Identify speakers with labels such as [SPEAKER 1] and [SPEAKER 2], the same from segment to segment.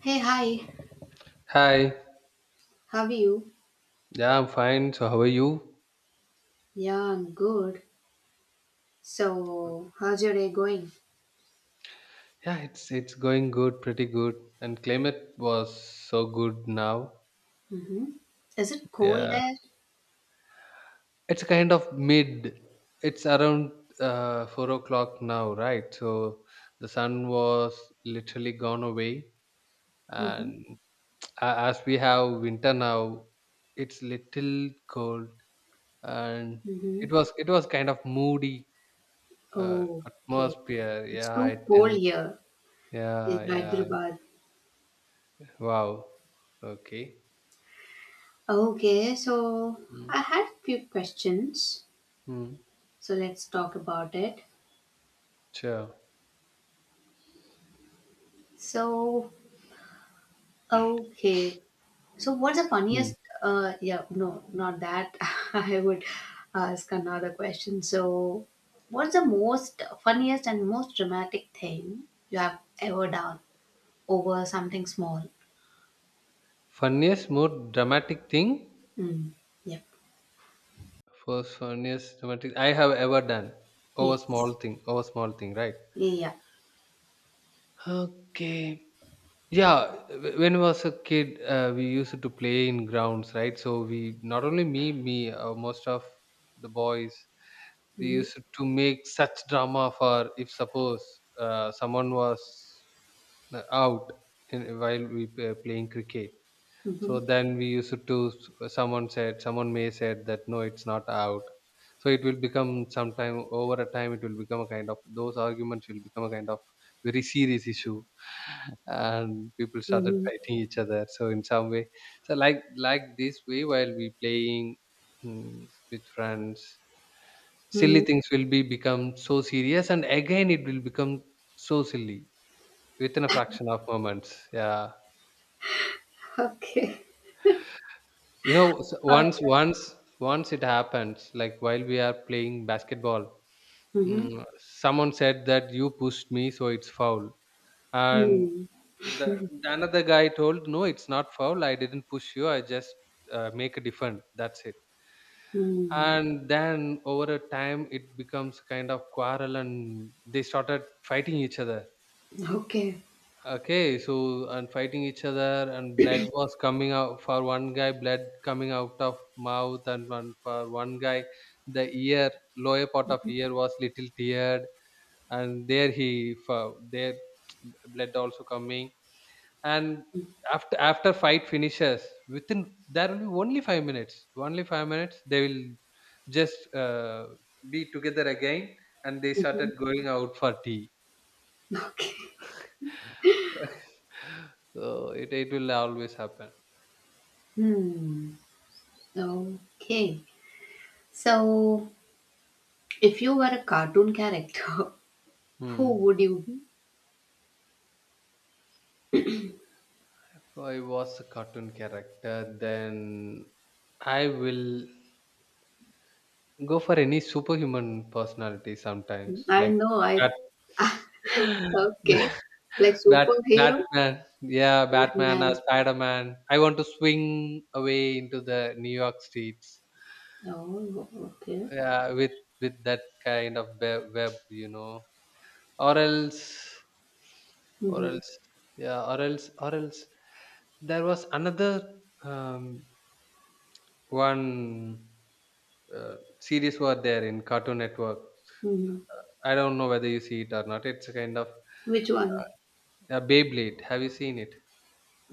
[SPEAKER 1] Hey, hi,
[SPEAKER 2] Hi.
[SPEAKER 1] how are you?
[SPEAKER 2] Yeah, I'm fine. So how are you?
[SPEAKER 1] Yeah, I'm good. So, how's your day going?
[SPEAKER 2] Yeah, it's going good, pretty good. And climate was so good now.
[SPEAKER 1] Mm-hmm. Is it cold
[SPEAKER 2] Yeah.
[SPEAKER 1] there?
[SPEAKER 2] It's kind of mid. It's around 4 o'clock now, right? So the sun was literally gone away,
[SPEAKER 1] Mm-hmm.
[SPEAKER 2] and as we have winter now, it's little cold, and it
[SPEAKER 1] Mm-hmm.
[SPEAKER 2] was it was kind of moody
[SPEAKER 1] Oh, okay.
[SPEAKER 2] atmosphere.
[SPEAKER 1] It's
[SPEAKER 2] Yeah,
[SPEAKER 1] too
[SPEAKER 2] it
[SPEAKER 1] cold
[SPEAKER 2] and
[SPEAKER 1] here in
[SPEAKER 2] yeah, yeah.
[SPEAKER 1] Hyderabad.
[SPEAKER 2] Wow. Okay.
[SPEAKER 1] Okay, so
[SPEAKER 2] Mm,
[SPEAKER 1] I had a few questions.
[SPEAKER 2] mm,
[SPEAKER 1] So, let's talk about it.
[SPEAKER 2] sure.
[SPEAKER 1] So, okay, so, what's the
[SPEAKER 2] Mm.
[SPEAKER 1] funniest? Yeah, no, not that. I would ask another question. So, what's the most funniest and most dramatic thing you have ever done over something small?
[SPEAKER 2] Funniest, more dramatic thing.
[SPEAKER 1] Mm, yep.
[SPEAKER 2] First funniest dramatic I have ever done. Over small
[SPEAKER 1] Yes.
[SPEAKER 2] thing. Over small thing. Right.
[SPEAKER 1] Yeah.
[SPEAKER 2] Okay. Yeah, when I was a kid, we used to play in grounds, right? So we, not only me, most of the boys, we
[SPEAKER 1] Mm-hmm.
[SPEAKER 2] used to make such drama for if suppose someone was out in, while we were playing cricket.
[SPEAKER 1] Mm-hmm.
[SPEAKER 2] So then we used to someone said someone may said that no, it's not out. So it will become sometime over a time. It will become a kind of those arguments will become a kind of very serious issue, and people started fighting each other. So in some way, so like this way while we playing with friends, silly
[SPEAKER 1] Mm-hmm. Hmm.
[SPEAKER 2] things will be become so serious, and again it will become so silly within a fraction of moments. Yeah,
[SPEAKER 1] Okay.
[SPEAKER 2] you know,
[SPEAKER 1] Uh,
[SPEAKER 2] once it happens like while we are playing basketball.
[SPEAKER 1] mm-hmm.
[SPEAKER 2] Someone said that you pushed me, so it's foul. And
[SPEAKER 1] Mm.
[SPEAKER 2] the, the another guy told no, it's not foul, I didn't push you, I just make a defend, that's it.
[SPEAKER 1] Mm.
[SPEAKER 2] And then over a time it becomes kind of quarrel, and they started fighting each other.
[SPEAKER 1] Okay.
[SPEAKER 2] Okay, so and fighting each other, and blood was coming out for one guy, blood coming out of mouth, and one for one guy, the ear, lower part of ear was little teared, and there blood also coming, and after fight finishes within there will be only 5 minutes, only 5 minutes they will just be together again, and they
[SPEAKER 1] Mm-hmm.
[SPEAKER 2] started going out for tea.
[SPEAKER 1] Okay.
[SPEAKER 2] So it will always happen.
[SPEAKER 1] Hmm. Okay. So, if you were a cartoon character, who
[SPEAKER 2] Hmm.
[SPEAKER 1] would you be?
[SPEAKER 2] If I was a cartoon character, then I will go for any superhuman personality sometimes,
[SPEAKER 1] I
[SPEAKER 2] like
[SPEAKER 1] know
[SPEAKER 2] Bat,
[SPEAKER 1] I. Okay. Like
[SPEAKER 2] Bat,
[SPEAKER 1] superhero?
[SPEAKER 2] Batman. Yeah, Batman or
[SPEAKER 1] Batman.
[SPEAKER 2] Spider Man. I want to swing away into the New York streets.
[SPEAKER 1] Oh, okay.
[SPEAKER 2] Yeah, with that kind of web, you know, or else, or
[SPEAKER 1] Hmm.
[SPEAKER 2] else, yeah, or else, or else. There was another um, one. Series were there in Cartoon Network.
[SPEAKER 1] Hmm.
[SPEAKER 2] I don't know whether you see it or not. It's a kind of
[SPEAKER 1] Which one?
[SPEAKER 2] Beyblade. Have you seen it?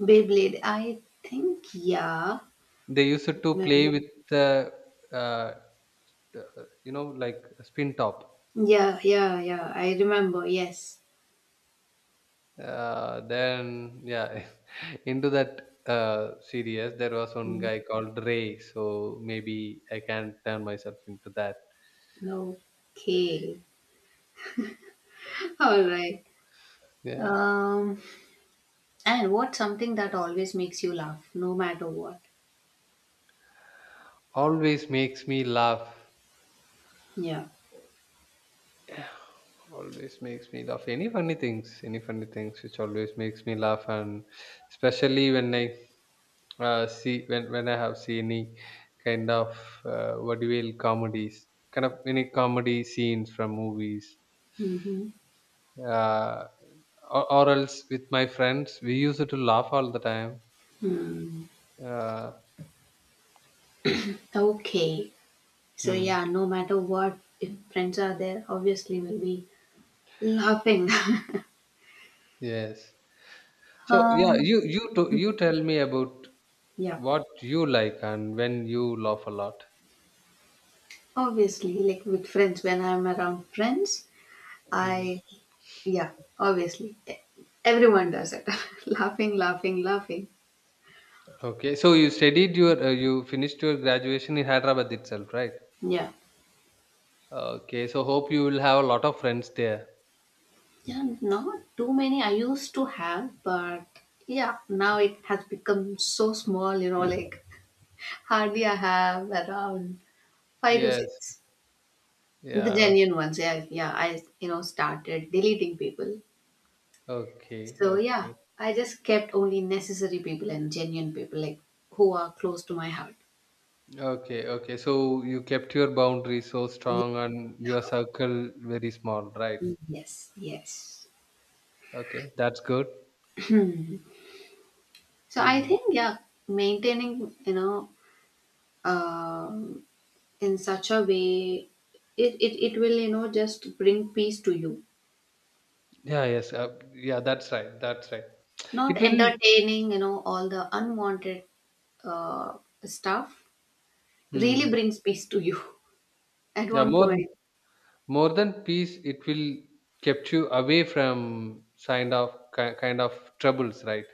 [SPEAKER 1] Beyblade. I think yeah.
[SPEAKER 2] They used to play
[SPEAKER 1] Remember.
[SPEAKER 2] with the, uh, uh, you know, like spin top.
[SPEAKER 1] Yeah, yeah, yeah. I remember. Yes.
[SPEAKER 2] Then, yeah, into that series, there was one
[SPEAKER 1] Mhm.
[SPEAKER 2] guy called Ray. So maybe I can turn myself into that.
[SPEAKER 1] Okay. All right.
[SPEAKER 2] Yeah,
[SPEAKER 1] Um, and what's something that always makes you laugh, no matter what?
[SPEAKER 2] always makes me laugh.
[SPEAKER 1] Yeah.
[SPEAKER 2] Always makes me laugh. Any funny things which always makes me laugh, and especially when I see when I have seen any kind of what do you call comedies, kind of any comedy scenes from movies,
[SPEAKER 1] Mm-hmm.
[SPEAKER 2] uh, or else with my friends, we used to laugh all the time.
[SPEAKER 1] Hmm.
[SPEAKER 2] Uh,
[SPEAKER 1] Okay. So
[SPEAKER 2] hmm,
[SPEAKER 1] yeah, no matter what, if friends are there, obviously we'll be laughing.
[SPEAKER 2] yes. So yeah,
[SPEAKER 1] um,
[SPEAKER 2] you tell me about
[SPEAKER 1] yeah,
[SPEAKER 2] what you like and when you laugh a lot.
[SPEAKER 1] obviously, like with friends, when I'm around friends,
[SPEAKER 2] Mm-hmm.
[SPEAKER 1] I, yeah, obviously, everyone does it. Laughing, laughing, laughing.
[SPEAKER 2] Okay, so you studied your you finished your graduation in Hyderabad itself, right?
[SPEAKER 1] Yeah,
[SPEAKER 2] Okay, so hope you will have a lot of friends there.
[SPEAKER 1] yeah, not too many I used to have, but yeah, now it has become so small. You know, like hardly I have around five to
[SPEAKER 2] Yes.
[SPEAKER 1] six. The
[SPEAKER 2] Yeah.
[SPEAKER 1] genuine ones, yeah, yeah. I, you know, started deleting people.
[SPEAKER 2] Okay. Okay.
[SPEAKER 1] So yeah,
[SPEAKER 2] Okay.
[SPEAKER 1] I just kept only necessary people and genuine people, like who are close to my heart.
[SPEAKER 2] Okay, okay. So you kept your boundaries so
[SPEAKER 1] Ye-
[SPEAKER 2] strong and your circle very small, right?
[SPEAKER 1] Yes, yes.
[SPEAKER 2] Okay, that's good.
[SPEAKER 1] So I
[SPEAKER 2] Hmm.
[SPEAKER 1] think yeah, maintaining, you know, um, in such a way, it will, you know, just bring peace to you.
[SPEAKER 2] Yeah. Yes. Yeah. That's right. That's right.
[SPEAKER 1] Not
[SPEAKER 2] It will.
[SPEAKER 1] entertaining, you know, all the unwanted, uh, stuff really
[SPEAKER 2] Hmm.
[SPEAKER 1] brings peace to you at
[SPEAKER 2] Yeah.
[SPEAKER 1] one point.
[SPEAKER 2] More than peace, it will kept you away from kind of kind of troubles, right?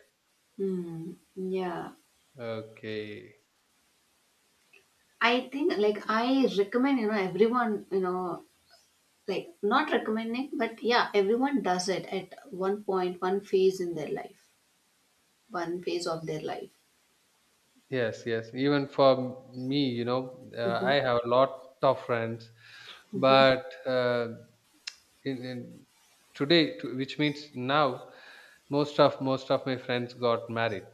[SPEAKER 1] Hmm, yeah.
[SPEAKER 2] Okay.
[SPEAKER 1] I think like I recommend, you know, everyone, you know, like not recommending, but yeah, everyone does it at one point, one phase in their life, one phase of their life.
[SPEAKER 2] Yes, yes. Even for me, you know,
[SPEAKER 1] Mm-hmm.
[SPEAKER 2] I have a lot of friends,
[SPEAKER 1] Mm-hmm.
[SPEAKER 2] but in today, which means now, most of my friends got married.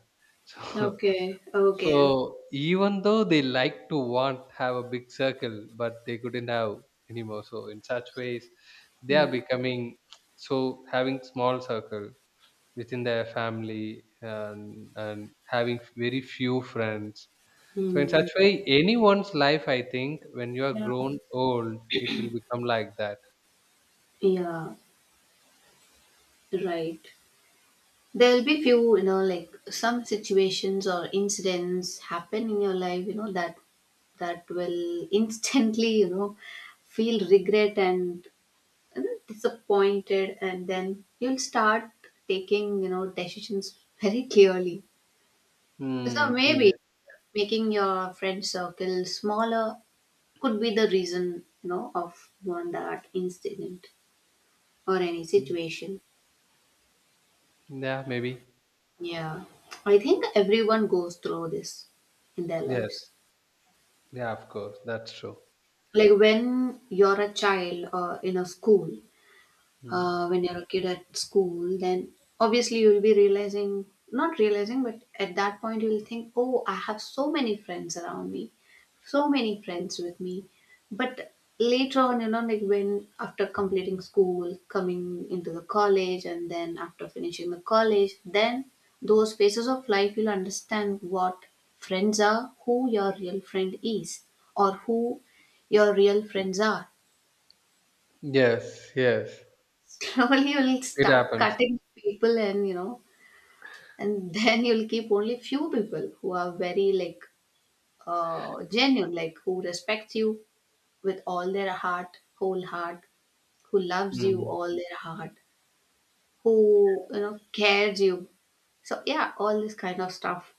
[SPEAKER 2] So,
[SPEAKER 1] Okay. Okay.
[SPEAKER 2] so even though they like to want have a big circle, but they couldn't have anymore. So in such ways, they are becoming so having small circle within their family, and having very few friends. So in such
[SPEAKER 1] Mm-hmm.
[SPEAKER 2] way, anyone's life, I think, when you are
[SPEAKER 1] Yeah.
[SPEAKER 2] grown old, it will become like that.
[SPEAKER 1] Yeah, right. There'll be few, you know, like some situations or incidents happen in your life, you know, that will instantly, you know, feel regret and, you know, disappointed, and then you'll start taking, you know, decisions very clearly. So
[SPEAKER 2] Hmm.
[SPEAKER 1] maybe
[SPEAKER 2] Yeah.
[SPEAKER 1] making your friend circle smaller could be the reason, you know, of one, that incident or any
[SPEAKER 2] Mm,
[SPEAKER 1] situation.
[SPEAKER 2] yeah, maybe.
[SPEAKER 1] Yeah, I think everyone goes through this in their lives,
[SPEAKER 2] Yes. Yeah, of course. That's true.
[SPEAKER 1] like when you're a child or in a school,
[SPEAKER 2] Mm.
[SPEAKER 1] when you're a kid at school. Then obviously you'll be realizing, not realizing, but at that point you'll think, oh, I have so many friends around me, so many friends with me. But later on, you know, like when after completing school, coming into the college, and then after finishing the college, then those phases of life you'll understand what friends are, who your real friend is, or who your real friends are.
[SPEAKER 2] Yes. Yes.
[SPEAKER 1] Probably you'll
[SPEAKER 2] It
[SPEAKER 1] start
[SPEAKER 2] happens.
[SPEAKER 1] cutting people, and you know, and then you'll keep only few people who are very like, genuine, like who respect you with all their heart, whole heart, who loves you
[SPEAKER 2] Mm.
[SPEAKER 1] all their heart, who, you know, cares you. So yeah, all this kind of stuff,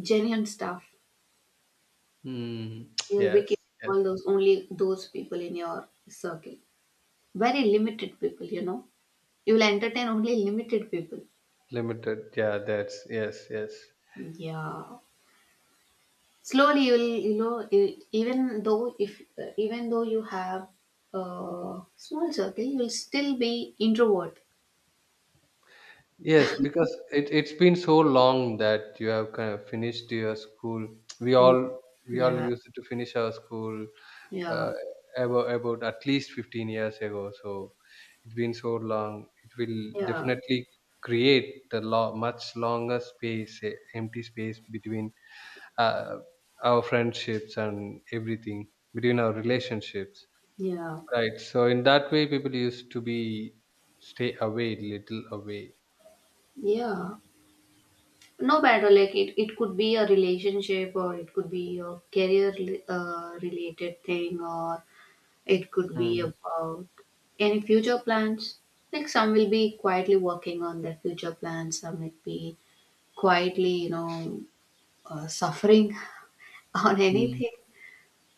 [SPEAKER 1] genuine stuff.
[SPEAKER 2] Mm.
[SPEAKER 1] You'll be
[SPEAKER 2] Yes.
[SPEAKER 1] keeping
[SPEAKER 2] Yes.
[SPEAKER 1] all those, only those people in your circle. Very limited people, you know. You'll entertain only limited people.
[SPEAKER 2] Limited. Yeah. That's yes. Yes.
[SPEAKER 1] Yeah. Slowly you will, you know, even though if, even though you have a small circle, you will still be introvert.
[SPEAKER 2] Yes, because it's been so long that you have kind of finished your school. We
[SPEAKER 1] Mm.
[SPEAKER 2] all we all
[SPEAKER 1] Yeah,
[SPEAKER 2] used to finish our school uh,
[SPEAKER 1] yeah,
[SPEAKER 2] about at least 15 years ago. So it's been so long. It will
[SPEAKER 1] yeah,
[SPEAKER 2] definitely create the much longer space, eh, empty space between uh, our friendships and everything, between our relationships.
[SPEAKER 1] yeah,
[SPEAKER 2] Right. So in that way, people used to be stay away, little away.
[SPEAKER 1] yeah. No matter like it could be a relationship, or it could be a career, related thing, or it could be
[SPEAKER 2] Mm.
[SPEAKER 1] about any future plans, like some will be quietly working on their future plans, some will be quietly, you know, suffering on
[SPEAKER 2] Mm.
[SPEAKER 1] anything.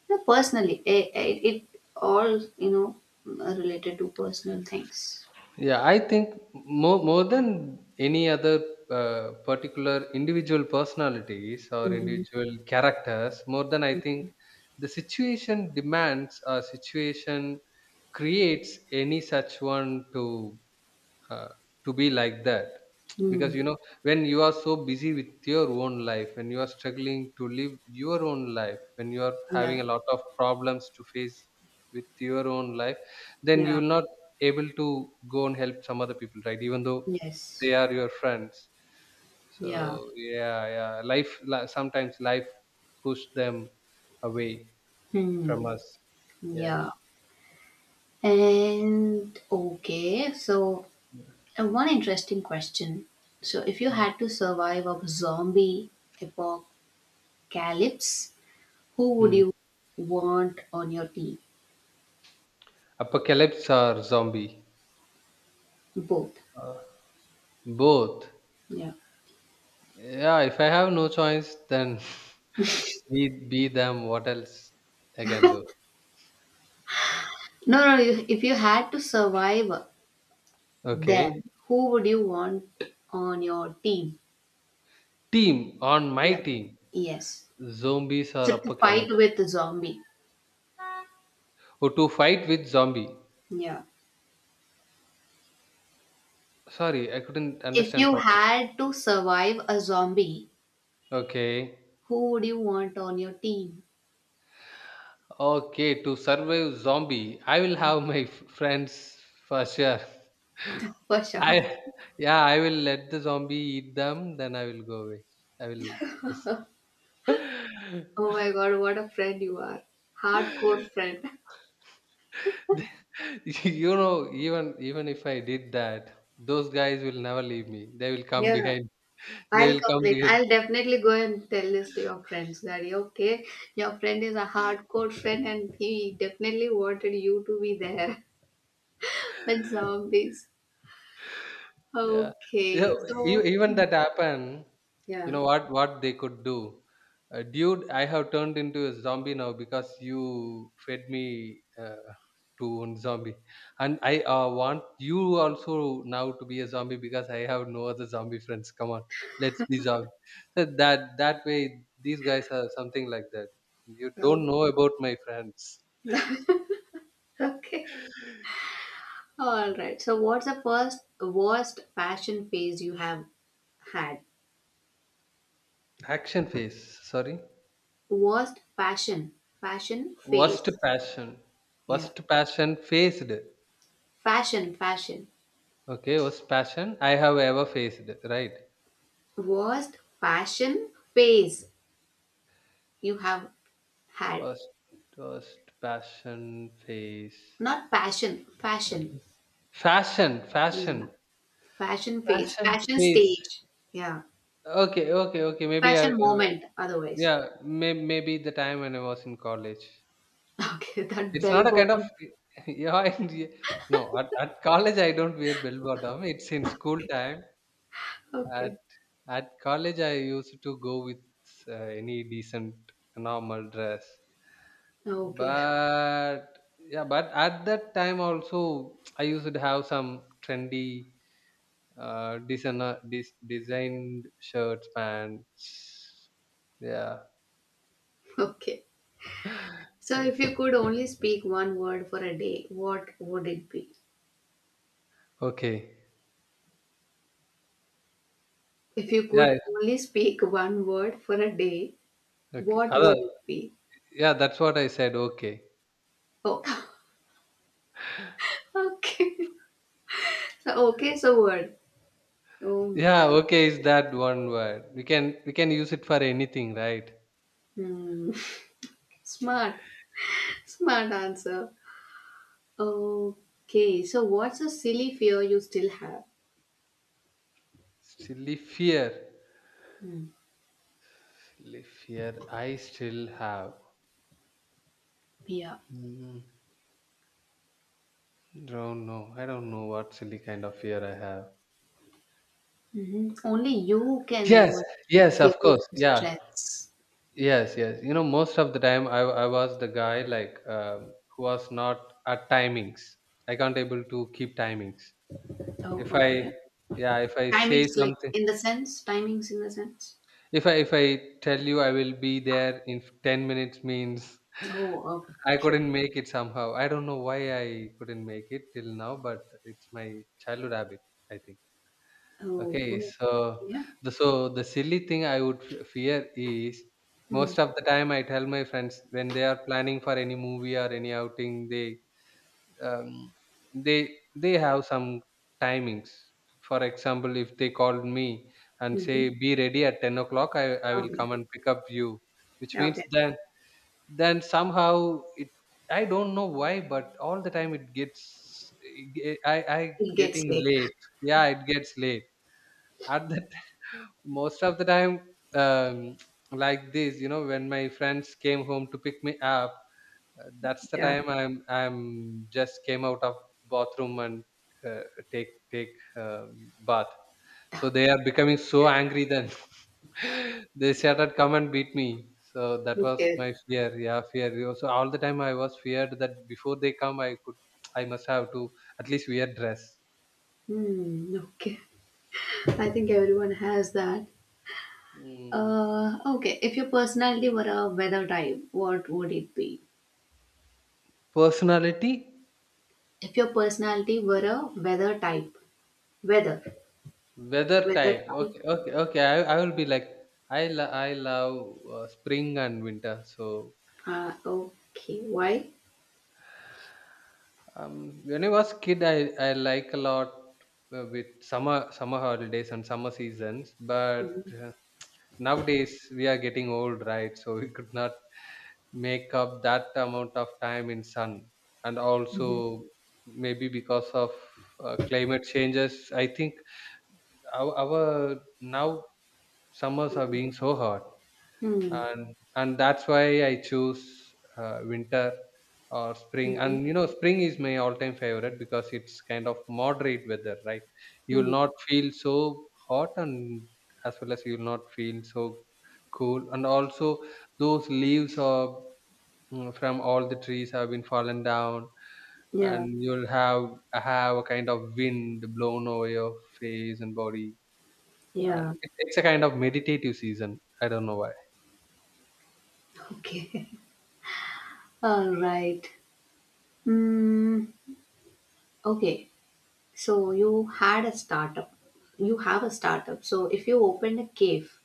[SPEAKER 1] No, personally it all, you know, related to personal things.
[SPEAKER 2] Yeah, I think more than any other particular individual personalities or
[SPEAKER 1] Hmm.
[SPEAKER 2] individual characters, more than I think the situation demands or situation creates any such one uh, to be like that, because you
[SPEAKER 1] Hmm.
[SPEAKER 2] know when you are so busy with your own life, when you are struggling to live your own life, when you are
[SPEAKER 1] Yeah,
[SPEAKER 2] having a lot of problems to face with your own life, then you
[SPEAKER 1] yeah,
[SPEAKER 2] will not able to go and help some other people, right? Even though they
[SPEAKER 1] yes,
[SPEAKER 2] are your friends, so
[SPEAKER 1] yeah,
[SPEAKER 2] yeah, yeah, sometimes life push them away from
[SPEAKER 1] hmm,
[SPEAKER 2] us. Yes.
[SPEAKER 1] yeah. And okay, so, one interesting question. So if you
[SPEAKER 2] Mm.
[SPEAKER 1] had to survive a zombie apocalypse, who would
[SPEAKER 2] Mm.
[SPEAKER 1] you want on your team?
[SPEAKER 2] Or zombie.
[SPEAKER 1] Both.
[SPEAKER 2] Uh, Both.
[SPEAKER 1] Yeah.
[SPEAKER 2] Yeah, if I have no choice, then be them. What else I can do?
[SPEAKER 1] No, no, you-, if you had to survive,
[SPEAKER 2] Okay.
[SPEAKER 1] then who would you want on your team?
[SPEAKER 2] Team on my
[SPEAKER 1] Yeah.
[SPEAKER 2] team,
[SPEAKER 1] Yes.
[SPEAKER 2] zombies or
[SPEAKER 1] So to fight
[SPEAKER 2] apocalypse.
[SPEAKER 1] with a zombie.
[SPEAKER 2] Oh, to fight with zombie.
[SPEAKER 1] Yeah.
[SPEAKER 2] Sorry, I couldn't
[SPEAKER 1] If
[SPEAKER 2] understand
[SPEAKER 1] you
[SPEAKER 2] properly.
[SPEAKER 1] had to survive a zombie,
[SPEAKER 2] Okay.
[SPEAKER 1] who would you want on your team?
[SPEAKER 2] Okay, to survive zombie, I will have my friends for sure.
[SPEAKER 1] For sure.
[SPEAKER 2] I Yeah, I will let the zombie eat them, then I will go away. I will
[SPEAKER 1] Oh my god, what a friend you are. Hardcore friend.
[SPEAKER 2] you know, even if I did that, those guys will never leave me, they will come
[SPEAKER 1] Yeah.
[SPEAKER 2] behind, they
[SPEAKER 1] I'll
[SPEAKER 2] will come
[SPEAKER 1] complain.
[SPEAKER 2] behind.
[SPEAKER 1] I'll definitely go and tell this to your friends that, "Yeah, okay, your friend is a hardcore friend and he definitely wanted you to be there when zombies."
[SPEAKER 2] Yeah. Yeah,
[SPEAKER 1] Okay, so
[SPEAKER 2] even that happen, you
[SPEAKER 1] yeah.
[SPEAKER 2] know what they could do? Dude, I have turned into a zombie now because you fed me to one zombie, and I want you also now to be a zombie because I have no other zombie friends. Come on, let's be zombie. So that way, these guys are something like that. You don't
[SPEAKER 1] Oh.
[SPEAKER 2] know about my friends.
[SPEAKER 1] Okay. All right. So, what's the first worst fashion phase you have had?
[SPEAKER 2] Action phase. Sorry,
[SPEAKER 1] Worst fashion, fashion
[SPEAKER 2] worst
[SPEAKER 1] phase.
[SPEAKER 2] passion.
[SPEAKER 1] Yeah.
[SPEAKER 2] Worst passion faced.
[SPEAKER 1] Fashion, fashion.
[SPEAKER 2] Okay, worst passion I have ever faced, right?
[SPEAKER 1] Worst fashion phase you have had.
[SPEAKER 2] Worst, Worst passion face.
[SPEAKER 1] Not passion, fashion.
[SPEAKER 2] Fashion,
[SPEAKER 1] Yeah.
[SPEAKER 2] fashion,
[SPEAKER 1] Fashion phase,
[SPEAKER 2] fashion
[SPEAKER 1] fashion
[SPEAKER 2] face.
[SPEAKER 1] stage. Yeah.
[SPEAKER 2] Okay, okay, okay.
[SPEAKER 1] Fashion moment, otherwise.
[SPEAKER 2] Yeah, maybe the time when I was in college.
[SPEAKER 1] Okay. That
[SPEAKER 2] It's
[SPEAKER 1] bell
[SPEAKER 2] not a kind of,
[SPEAKER 1] bottom.
[SPEAKER 2] yeah, and no, at college I don't wear bell bottom. It's in school time. At
[SPEAKER 1] Okay.
[SPEAKER 2] at college I used to go with uh, any decent normal dress.
[SPEAKER 1] Okay.
[SPEAKER 2] But yeah, but at that time also, I used to have some trendy designer designed shirts, pants. Yeah.
[SPEAKER 1] Okay. So, if
[SPEAKER 2] Yes.
[SPEAKER 1] you could only speak one word for a day, what would it be?
[SPEAKER 2] Okay.
[SPEAKER 1] If you
[SPEAKER 2] Yeah.
[SPEAKER 1] could only speak one word for a day,
[SPEAKER 2] Okay.
[SPEAKER 1] what
[SPEAKER 2] Other.
[SPEAKER 1] would it be?
[SPEAKER 2] Yeah. That's what I said. Okay.
[SPEAKER 1] Oh, okay. So, okay, so word. Oh
[SPEAKER 2] Yeah.
[SPEAKER 1] my.
[SPEAKER 2] Okay. Is that one word? We can use it for anything, right?
[SPEAKER 1] Hmm. Smart. Smart answer. Okay, so what's a silly fear you still have?
[SPEAKER 2] Silly fear.
[SPEAKER 1] Hmm.
[SPEAKER 2] Silly fear. I still have.
[SPEAKER 1] Yeah.
[SPEAKER 2] Mm, don't know. I don't know what silly kind of fear I have.
[SPEAKER 1] Hmm. Only you can
[SPEAKER 2] Yes,
[SPEAKER 1] know your
[SPEAKER 2] yes, of
[SPEAKER 1] fear
[SPEAKER 2] course.
[SPEAKER 1] and
[SPEAKER 2] Yeah,
[SPEAKER 1] stress.
[SPEAKER 2] yes, yes. You know, most of the time I was the guy like who was not at timings. I can't able to keep timings.
[SPEAKER 1] Oh,
[SPEAKER 2] If I,
[SPEAKER 1] okay.
[SPEAKER 2] yeah, if I say
[SPEAKER 1] Timings, like
[SPEAKER 2] something,
[SPEAKER 1] in the sense, timings in the sense.
[SPEAKER 2] if I tell you I will be there in 10 minutes means
[SPEAKER 1] Oh, okay.
[SPEAKER 2] I
[SPEAKER 1] Okay.
[SPEAKER 2] couldn't make it somehow. I don't know why I couldn't make it till now, but it's my childhood habit, I think.
[SPEAKER 1] Oh,
[SPEAKER 2] Okay,
[SPEAKER 1] oh, yeah.
[SPEAKER 2] so the silly thing I would fear is
[SPEAKER 1] Mm.
[SPEAKER 2] most of the time I tell my friends when they are planning for any movie or any outing, um, they have some timings. For example, if they called me and
[SPEAKER 1] Mm-hmm.
[SPEAKER 2] say be ready at 10 o'clock, I will
[SPEAKER 1] Okay.
[SPEAKER 2] come and pick up you, which means
[SPEAKER 1] Okay.
[SPEAKER 2] then somehow it I don't know why, but all the time it gets I
[SPEAKER 1] It gets
[SPEAKER 2] getting
[SPEAKER 1] late.
[SPEAKER 2] late. Yeah, it gets late at that most of the time, um, like this, you know, when my friends came home to pick me up, that's the
[SPEAKER 1] Yeah.
[SPEAKER 2] time I'm just came out of bathroom and uh, take bath. So they are becoming so angry, then they started come and beat me. So that was
[SPEAKER 1] Okay.
[SPEAKER 2] my fear, yeah, fear. You know, so all the time I was feared that before they come I could I must have to at least wear dress.
[SPEAKER 1] Hmm. Okay. I think everyone has that.
[SPEAKER 2] Mm.
[SPEAKER 1] Okay. If your personality were a weather type, what would it be?
[SPEAKER 2] Personality.
[SPEAKER 1] If your personality were a weather type, weather,
[SPEAKER 2] Weather
[SPEAKER 1] weather
[SPEAKER 2] type.
[SPEAKER 1] type.
[SPEAKER 2] Okay. I will be like I love spring and winter. So
[SPEAKER 1] Okay. Why?
[SPEAKER 2] when I was kid I like a lot with summer holidays and summer seasons, but
[SPEAKER 1] Mm-hmm.
[SPEAKER 2] uh, nowadays we are getting old, right? So we could not make up that amount of time in sun. And also,
[SPEAKER 1] Mm-hmm.
[SPEAKER 2] maybe because of climate changes, I think our now summers are being so hot.
[SPEAKER 1] Hmm.
[SPEAKER 2] And that's why I choose winter or spring.
[SPEAKER 1] Mm-hmm.
[SPEAKER 2] And you know, spring is my all-time favorite because it's kind of moderate weather, right? You will
[SPEAKER 1] Hmm.
[SPEAKER 2] not feel so hot, and as well as you will not feel so cool. And also, those leaves are from all the trees have been fallen down.
[SPEAKER 1] Yeah.
[SPEAKER 2] And you'll have a kind of wind blown over your face and body, and
[SPEAKER 1] Yeah.
[SPEAKER 2] it's a kind of meditative season. I don't know why.
[SPEAKER 1] Okay. All right. Mm, okay, so you had a startup. You have a startup. So if you opened a cave,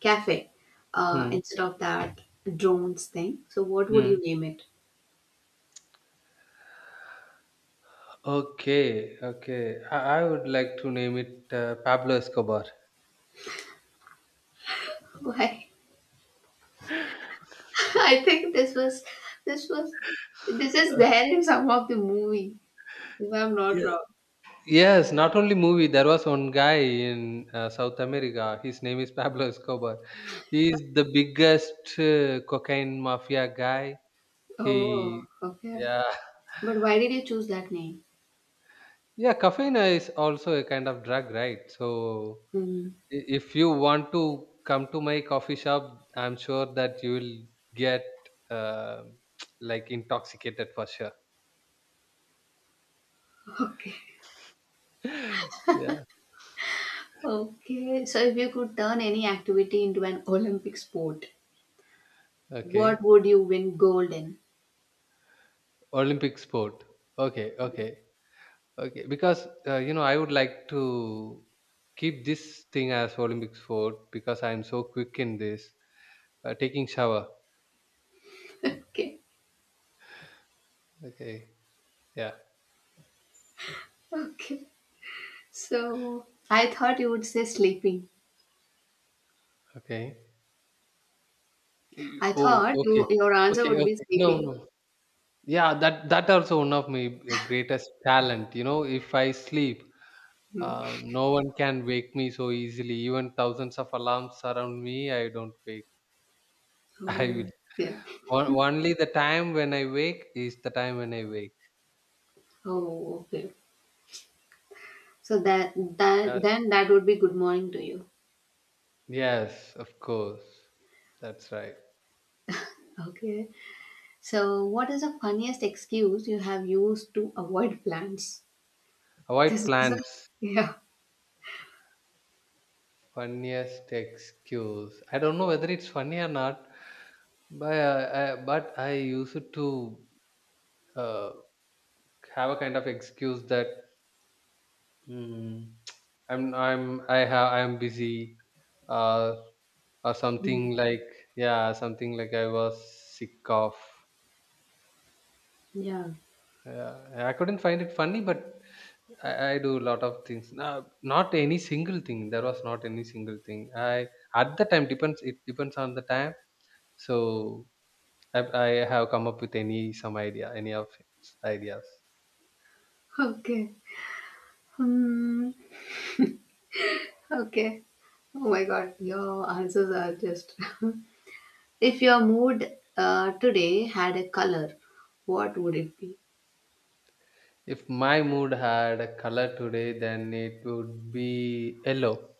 [SPEAKER 1] cafe,
[SPEAKER 2] Hmm.
[SPEAKER 1] instead of that drones thing, so what would
[SPEAKER 2] Hmm.
[SPEAKER 1] you name it?
[SPEAKER 2] Okay, okay. I would like to name it Pablo Escobar.
[SPEAKER 1] Why? I think this was, this is
[SPEAKER 2] Uh,
[SPEAKER 1] there in some of the movie, if I'm not
[SPEAKER 2] ye-
[SPEAKER 1] wrong.
[SPEAKER 2] yes, not only movie. There was one guy in South America. His name is Pablo Escobar. He is the biggest cocaine mafia guy. He,
[SPEAKER 1] Oh, okay.
[SPEAKER 2] yeah,
[SPEAKER 1] But why did you choose that name?
[SPEAKER 2] yeah. Caffeine is also a kind of drug, right? So
[SPEAKER 1] Mm,
[SPEAKER 2] if you want to come to my coffee shop, I'm sure that you will get uh, like intoxicated for sure.
[SPEAKER 1] okay.
[SPEAKER 2] Yeah.
[SPEAKER 1] Okay. So if you could turn any activity into an Olympic sport, what
[SPEAKER 2] Okay.
[SPEAKER 1] would you win gold in?
[SPEAKER 2] Olympic sport. Okay. Okay. Okay. Because you know, I would like to keep this thing as Olympic sport because I'm so quick in this. Taking shower.
[SPEAKER 1] Okay.
[SPEAKER 2] Okay. Yeah.
[SPEAKER 1] Okay. So I thought you would say sleeping.
[SPEAKER 2] Okay.
[SPEAKER 1] I
[SPEAKER 2] Oh.
[SPEAKER 1] thought
[SPEAKER 2] Okay.
[SPEAKER 1] your answer
[SPEAKER 2] Okay.
[SPEAKER 1] would be
[SPEAKER 2] Okay. No.
[SPEAKER 1] sleeping.
[SPEAKER 2] No. Yeah. That also one of my greatest talent. You know, if I sleep.
[SPEAKER 1] Hmm.
[SPEAKER 2] No one can wake me so easily. Even thousands of alarms surround me. I don't wake. I
[SPEAKER 1] Oh,
[SPEAKER 2] will.
[SPEAKER 1] okay.
[SPEAKER 2] Only the time when I wake is the time when I wake.
[SPEAKER 1] Oh, okay. So that
[SPEAKER 2] Uh,
[SPEAKER 1] that then that would be good morning to you.
[SPEAKER 2] yes, of course. That's right.
[SPEAKER 1] Okay. So what is the funniest excuse you have used to avoid plans?
[SPEAKER 2] Avoid
[SPEAKER 1] This is a,
[SPEAKER 2] plants.
[SPEAKER 1] yeah.
[SPEAKER 2] Funniest excuse. I don't know whether it's funny or not, but I used to uh, have a kind of excuse that mm, I'm I have I'm busy, uh, or
[SPEAKER 1] Hmm.
[SPEAKER 2] something like, yeah, something like I was sick of.
[SPEAKER 1] Yeah.
[SPEAKER 2] Yeah, I couldn't find it funny, but I do a lot of things. No, not any single thing. There was not any single thing. I at the time depends. It depends on the time. So I, I have come up with any some idea, any of its ideas.
[SPEAKER 1] Okay. Hmm. Okay. Oh my god, your answers are just. If your mood, today had a color, what would it be?
[SPEAKER 2] If my mood had a color today, then it would be yellow.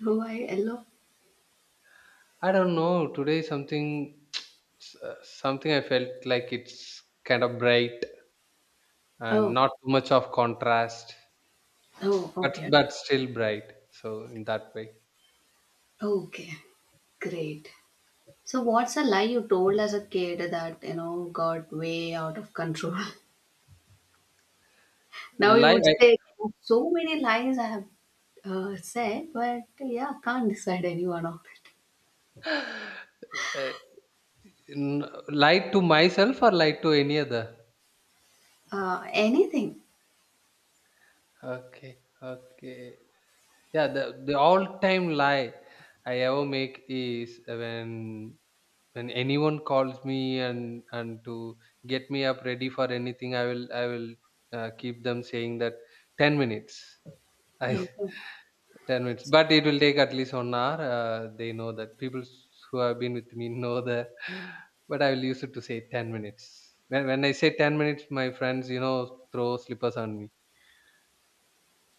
[SPEAKER 1] Why yellow?
[SPEAKER 2] I don't know. Today something something I felt like it's kind of bright and
[SPEAKER 1] Oh,
[SPEAKER 2] not too much of contrast,
[SPEAKER 1] oh, okay.
[SPEAKER 2] but still bright. So in that way,
[SPEAKER 1] Okay, great. So, what's a lie you told as a kid that, you know, got way out of control? Now you
[SPEAKER 2] like.
[SPEAKER 1] would say, so many lies I have, said, but yeah, can't decide any one of it.
[SPEAKER 2] Uh, lied to myself or lied to any other.
[SPEAKER 1] Anything.
[SPEAKER 2] Okay, okay. Yeah, the all time lie I ever make is when anyone calls me and to get me up ready for anything, I will keep them saying that 10 minutes. I
[SPEAKER 1] Okay.
[SPEAKER 2] 10 minutes. But it will take at least 1 hour. They know that. People who have been with me know that. But I will use it to say 10 minutes. When I say 10 minutes, my friends, you know, throw slippers on me.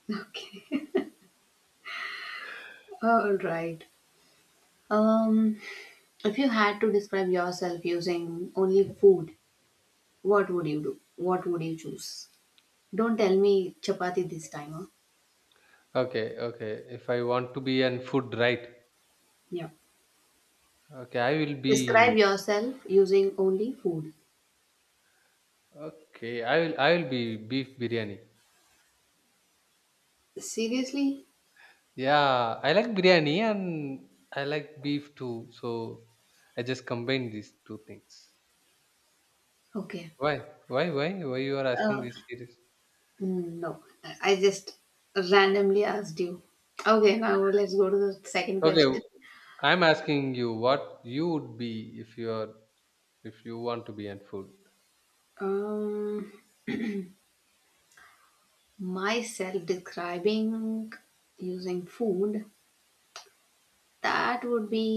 [SPEAKER 1] Okay. All right. Um, if you had to describe yourself using only food, what would you do? What would you choose? Don't tell me chapati this time, huh?
[SPEAKER 2] Okay, okay. If I want to be on food, right?
[SPEAKER 1] Yeah.
[SPEAKER 2] Okay, I will be.
[SPEAKER 1] Describe yourself using only food.
[SPEAKER 2] Okay, I will. I will be beef biryani.
[SPEAKER 1] Seriously?
[SPEAKER 2] Yeah, I like biryani and I like beef too. So I just combine these two things.
[SPEAKER 1] Okay.
[SPEAKER 2] Why? Why? Why? Why you are asking
[SPEAKER 1] Uh,
[SPEAKER 2] this series?
[SPEAKER 1] no, I just randomly asked you. Okay, now let's go to the second
[SPEAKER 2] Okay,
[SPEAKER 1] question.
[SPEAKER 2] I'm asking you what you would be if you're if you want to be in food.
[SPEAKER 1] Um, myself describing using food, that would be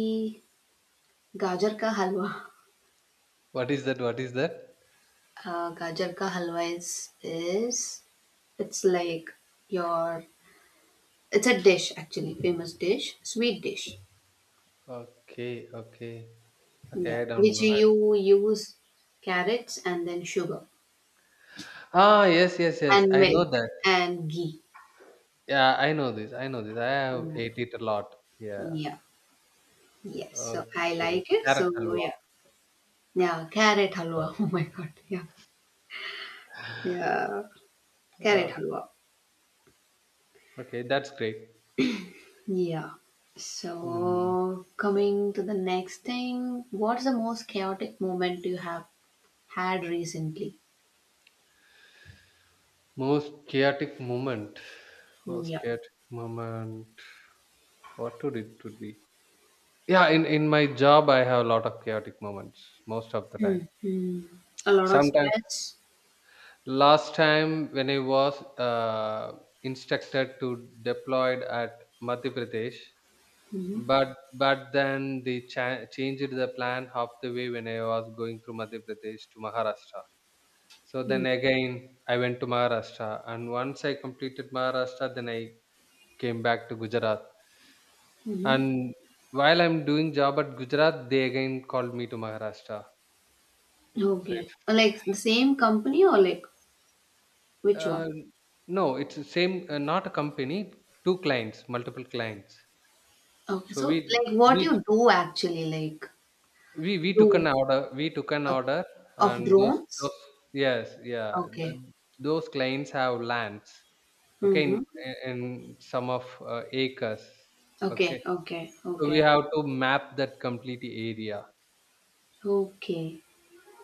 [SPEAKER 1] gajar ka halwa.
[SPEAKER 2] What is that? What is that?
[SPEAKER 1] Gajar ka halwa is, it's like your. It's a dish actually, famous dish, sweet dish.
[SPEAKER 2] Okay, okay, okay.
[SPEAKER 1] Yeah,
[SPEAKER 2] I don't
[SPEAKER 1] which
[SPEAKER 2] know.
[SPEAKER 1] you use carrots and then sugar
[SPEAKER 2] Ah, yes, yes, yes.
[SPEAKER 1] and
[SPEAKER 2] I know
[SPEAKER 1] milk
[SPEAKER 2] that.
[SPEAKER 1] and ghee.
[SPEAKER 2] Yeah, I know this. I know this. I have
[SPEAKER 1] Yeah,
[SPEAKER 2] ate it a lot. Yeah.
[SPEAKER 1] yeah. Yes. So I
[SPEAKER 2] Okay.
[SPEAKER 1] like it.
[SPEAKER 2] Carrot
[SPEAKER 1] So
[SPEAKER 2] halwa.
[SPEAKER 1] yeah, yeah. Carrot halwa. Oh my god. Yeah, yeah. Carrot
[SPEAKER 2] Uh,
[SPEAKER 1] halwa.
[SPEAKER 2] okay, that's great.
[SPEAKER 1] Yeah.
[SPEAKER 2] Hmm.
[SPEAKER 1] So coming to the next thing, what's the most chaotic moment you have had recently?
[SPEAKER 2] Most chaotic moment.
[SPEAKER 1] Mm,
[SPEAKER 2] Most
[SPEAKER 1] yeah.
[SPEAKER 2] chaotic moment. What would it would be? Yeah, in my job, I have a lot of chaotic moments most of the time.
[SPEAKER 1] Mm, mm. A lot of
[SPEAKER 2] Sometimes
[SPEAKER 1] stress.
[SPEAKER 2] last time when I was instructed to deployed at Madhya Pradesh,
[SPEAKER 1] Mm-hmm.
[SPEAKER 2] but then they changed the plan half the way when I was going through Madhya Pradesh to Maharashtra. So then again I went to Maharashtra, and once I completed Maharashtra, then I came back to Gujarat.
[SPEAKER 1] Mhm.
[SPEAKER 2] And while I'm doing job at Gujarat, they again called me to Maharashtra. So
[SPEAKER 1] Okay. Like the same company or like which
[SPEAKER 2] uh,
[SPEAKER 1] one?
[SPEAKER 2] no, it's the same. Not a company. Two clients, multiple clients.
[SPEAKER 1] Okay,
[SPEAKER 2] So
[SPEAKER 1] so
[SPEAKER 2] we
[SPEAKER 1] like what
[SPEAKER 2] we
[SPEAKER 1] you do actually, like
[SPEAKER 2] we we took an
[SPEAKER 1] you,
[SPEAKER 2] order. We took an
[SPEAKER 1] okay.
[SPEAKER 2] order, and
[SPEAKER 1] Of
[SPEAKER 2] those
[SPEAKER 1] drones?
[SPEAKER 2] those yes, yeah,
[SPEAKER 1] Okay.
[SPEAKER 2] those clients have lands. Okay,
[SPEAKER 1] Mm-hmm.
[SPEAKER 2] in some of acres. Okay,
[SPEAKER 1] Okay, okay,
[SPEAKER 2] so we
[SPEAKER 1] okay,
[SPEAKER 2] have to map that complete area.
[SPEAKER 1] okay.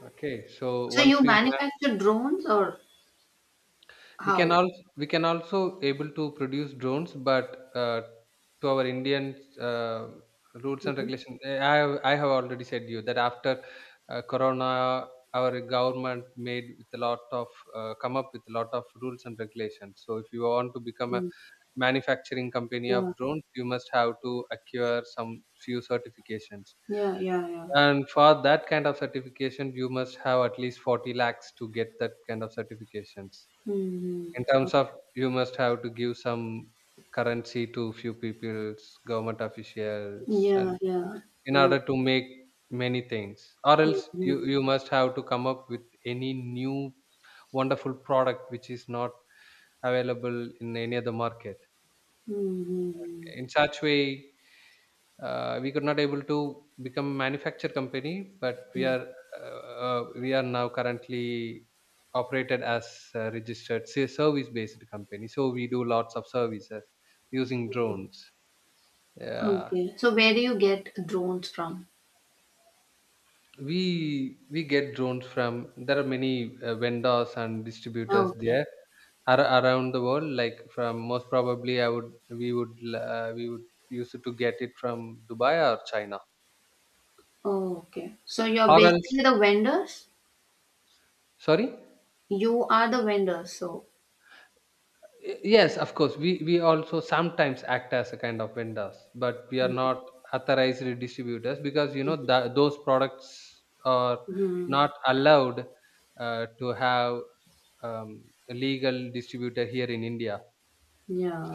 [SPEAKER 2] Okay, so
[SPEAKER 1] So
[SPEAKER 2] once
[SPEAKER 1] you
[SPEAKER 2] we.
[SPEAKER 1] manufacture drones or how?
[SPEAKER 2] We can also able to produce drones, but to our Indian uh, rules and
[SPEAKER 1] Mm-hmm.
[SPEAKER 2] regulations, I have already said you that after Corona, our government made with a lot of come up with a lot of rules and regulations. So if you want to become a
[SPEAKER 1] Mm.
[SPEAKER 2] manufacturing company
[SPEAKER 1] Yeah,
[SPEAKER 2] of drones, you must have to acquire some few certifications.
[SPEAKER 1] yeah, yeah, yeah.
[SPEAKER 2] And for that kind of certification, you must have at least 40 lakhs to get that kind of certifications
[SPEAKER 1] Mm-hmm.
[SPEAKER 2] in terms
[SPEAKER 1] Okay.
[SPEAKER 2] of you must have to give some currency to few peoples, government officials,
[SPEAKER 1] Yeah,
[SPEAKER 2] and
[SPEAKER 1] yeah.
[SPEAKER 2] in
[SPEAKER 1] Oh.
[SPEAKER 2] order to make many things. Or else,
[SPEAKER 1] Mm-hmm.
[SPEAKER 2] you must have to come up with any new wonderful product which is not available in any other market.
[SPEAKER 1] Mm-hmm.
[SPEAKER 2] In such way, we could not able to become manufacture company, but
[SPEAKER 1] Yeah.
[SPEAKER 2] uh, we are now currently operated as a registered service based company, so we do lots of services using drones, yeah.
[SPEAKER 1] Okay. So where do you get drones from?
[SPEAKER 2] We we get drones from there are many vendors and distributors
[SPEAKER 1] Okay.
[SPEAKER 2] there, around the world. Like from most probably I would we would we would use it to get it from Dubai or China.
[SPEAKER 1] Oh, okay. So you're
[SPEAKER 2] Or else.
[SPEAKER 1] basically the vendors?
[SPEAKER 2] Sorry?
[SPEAKER 1] You are the vendors, so.
[SPEAKER 2] Yes, of course. We also sometimes act as a kind of vendors, but we are
[SPEAKER 1] Mm,
[SPEAKER 2] not authorized distributors because you know
[SPEAKER 1] mhm,
[SPEAKER 2] that those products are
[SPEAKER 1] mhm.
[SPEAKER 2] not allowed to have um, a legal distributor here in India.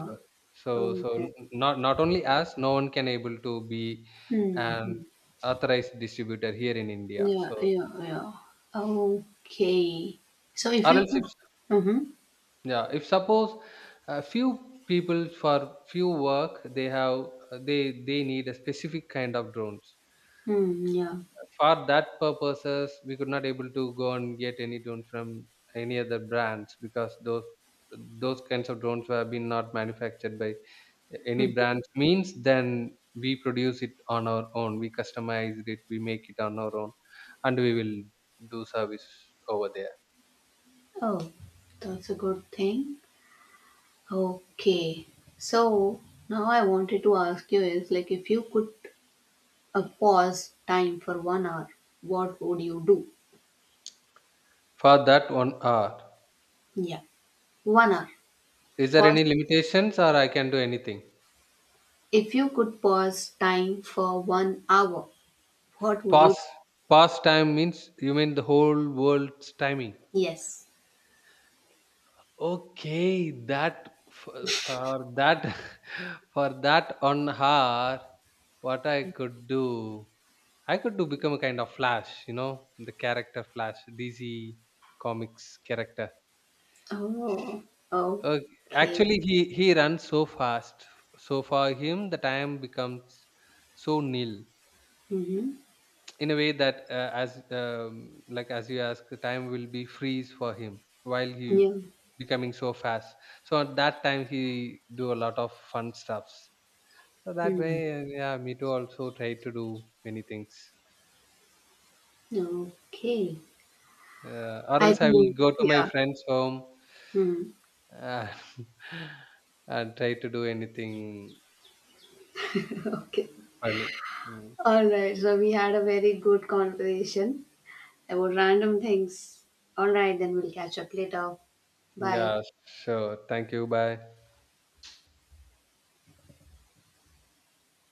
[SPEAKER 2] So, so, so,
[SPEAKER 1] Okay.
[SPEAKER 2] not not only us, no one can able to be
[SPEAKER 1] Hmm.
[SPEAKER 2] an
[SPEAKER 1] Hmm.
[SPEAKER 2] authorized distributor here in India.
[SPEAKER 1] Yeah,
[SPEAKER 2] So
[SPEAKER 1] yeah, yeah. Okay. So if
[SPEAKER 2] or
[SPEAKER 1] you
[SPEAKER 2] else, if
[SPEAKER 1] could. Mm-hmm.
[SPEAKER 2] yeah, if suppose a few people for few work they have, they need a specific kind of drones,
[SPEAKER 1] Hmm, yeah.
[SPEAKER 2] for that purposes we could not able to go and get any drone from any other brands, because those kinds of drones were been not manufactured by any
[SPEAKER 1] Hmm.
[SPEAKER 2] brands. Means then we produce it on our own, we customize it, we make it on our own, and we will do service over there.
[SPEAKER 1] Oh, that's a good thing. Okay. So now I wanted to ask you is like if you could, pause time for one hour, what would you do?
[SPEAKER 2] For that 1 hour,
[SPEAKER 1] Yeah. One hour.
[SPEAKER 2] is there
[SPEAKER 1] Pause.
[SPEAKER 2] any limitations or I can do anything?
[SPEAKER 1] If you could pause time for one hour, what would you?
[SPEAKER 2] Past. Past time means you mean the whole world's timing.
[SPEAKER 1] Yes.
[SPEAKER 2] Okay, that for that for that on her, what I could do become a kind of Flash. You know, the character Flash, DC comics character.
[SPEAKER 1] Oh,
[SPEAKER 2] Uh,
[SPEAKER 1] okay.
[SPEAKER 2] actually, he runs so fast. So for him, the time becomes so nil.
[SPEAKER 1] Mm-hmm.
[SPEAKER 2] In a way that as like as you ask, the time will be freeze for him while he
[SPEAKER 1] Yeah.
[SPEAKER 2] becoming so fast, so at that time he do a lot of fun stuffs. So that way,
[SPEAKER 1] Hmm.
[SPEAKER 2] yeah, me too also try to do many things,
[SPEAKER 1] Okay.
[SPEAKER 2] or
[SPEAKER 1] I
[SPEAKER 2] else I will
[SPEAKER 1] think,
[SPEAKER 2] go to my
[SPEAKER 1] yeah.
[SPEAKER 2] friend's home,
[SPEAKER 1] Hmm.
[SPEAKER 2] uh, and try to do anything
[SPEAKER 1] Okay.
[SPEAKER 2] funny. Mm.
[SPEAKER 1] All right. So we had a very good conversation about random things. All right. Then we'll catch up later. Bye.
[SPEAKER 2] Yeah, sure, thank you, bye.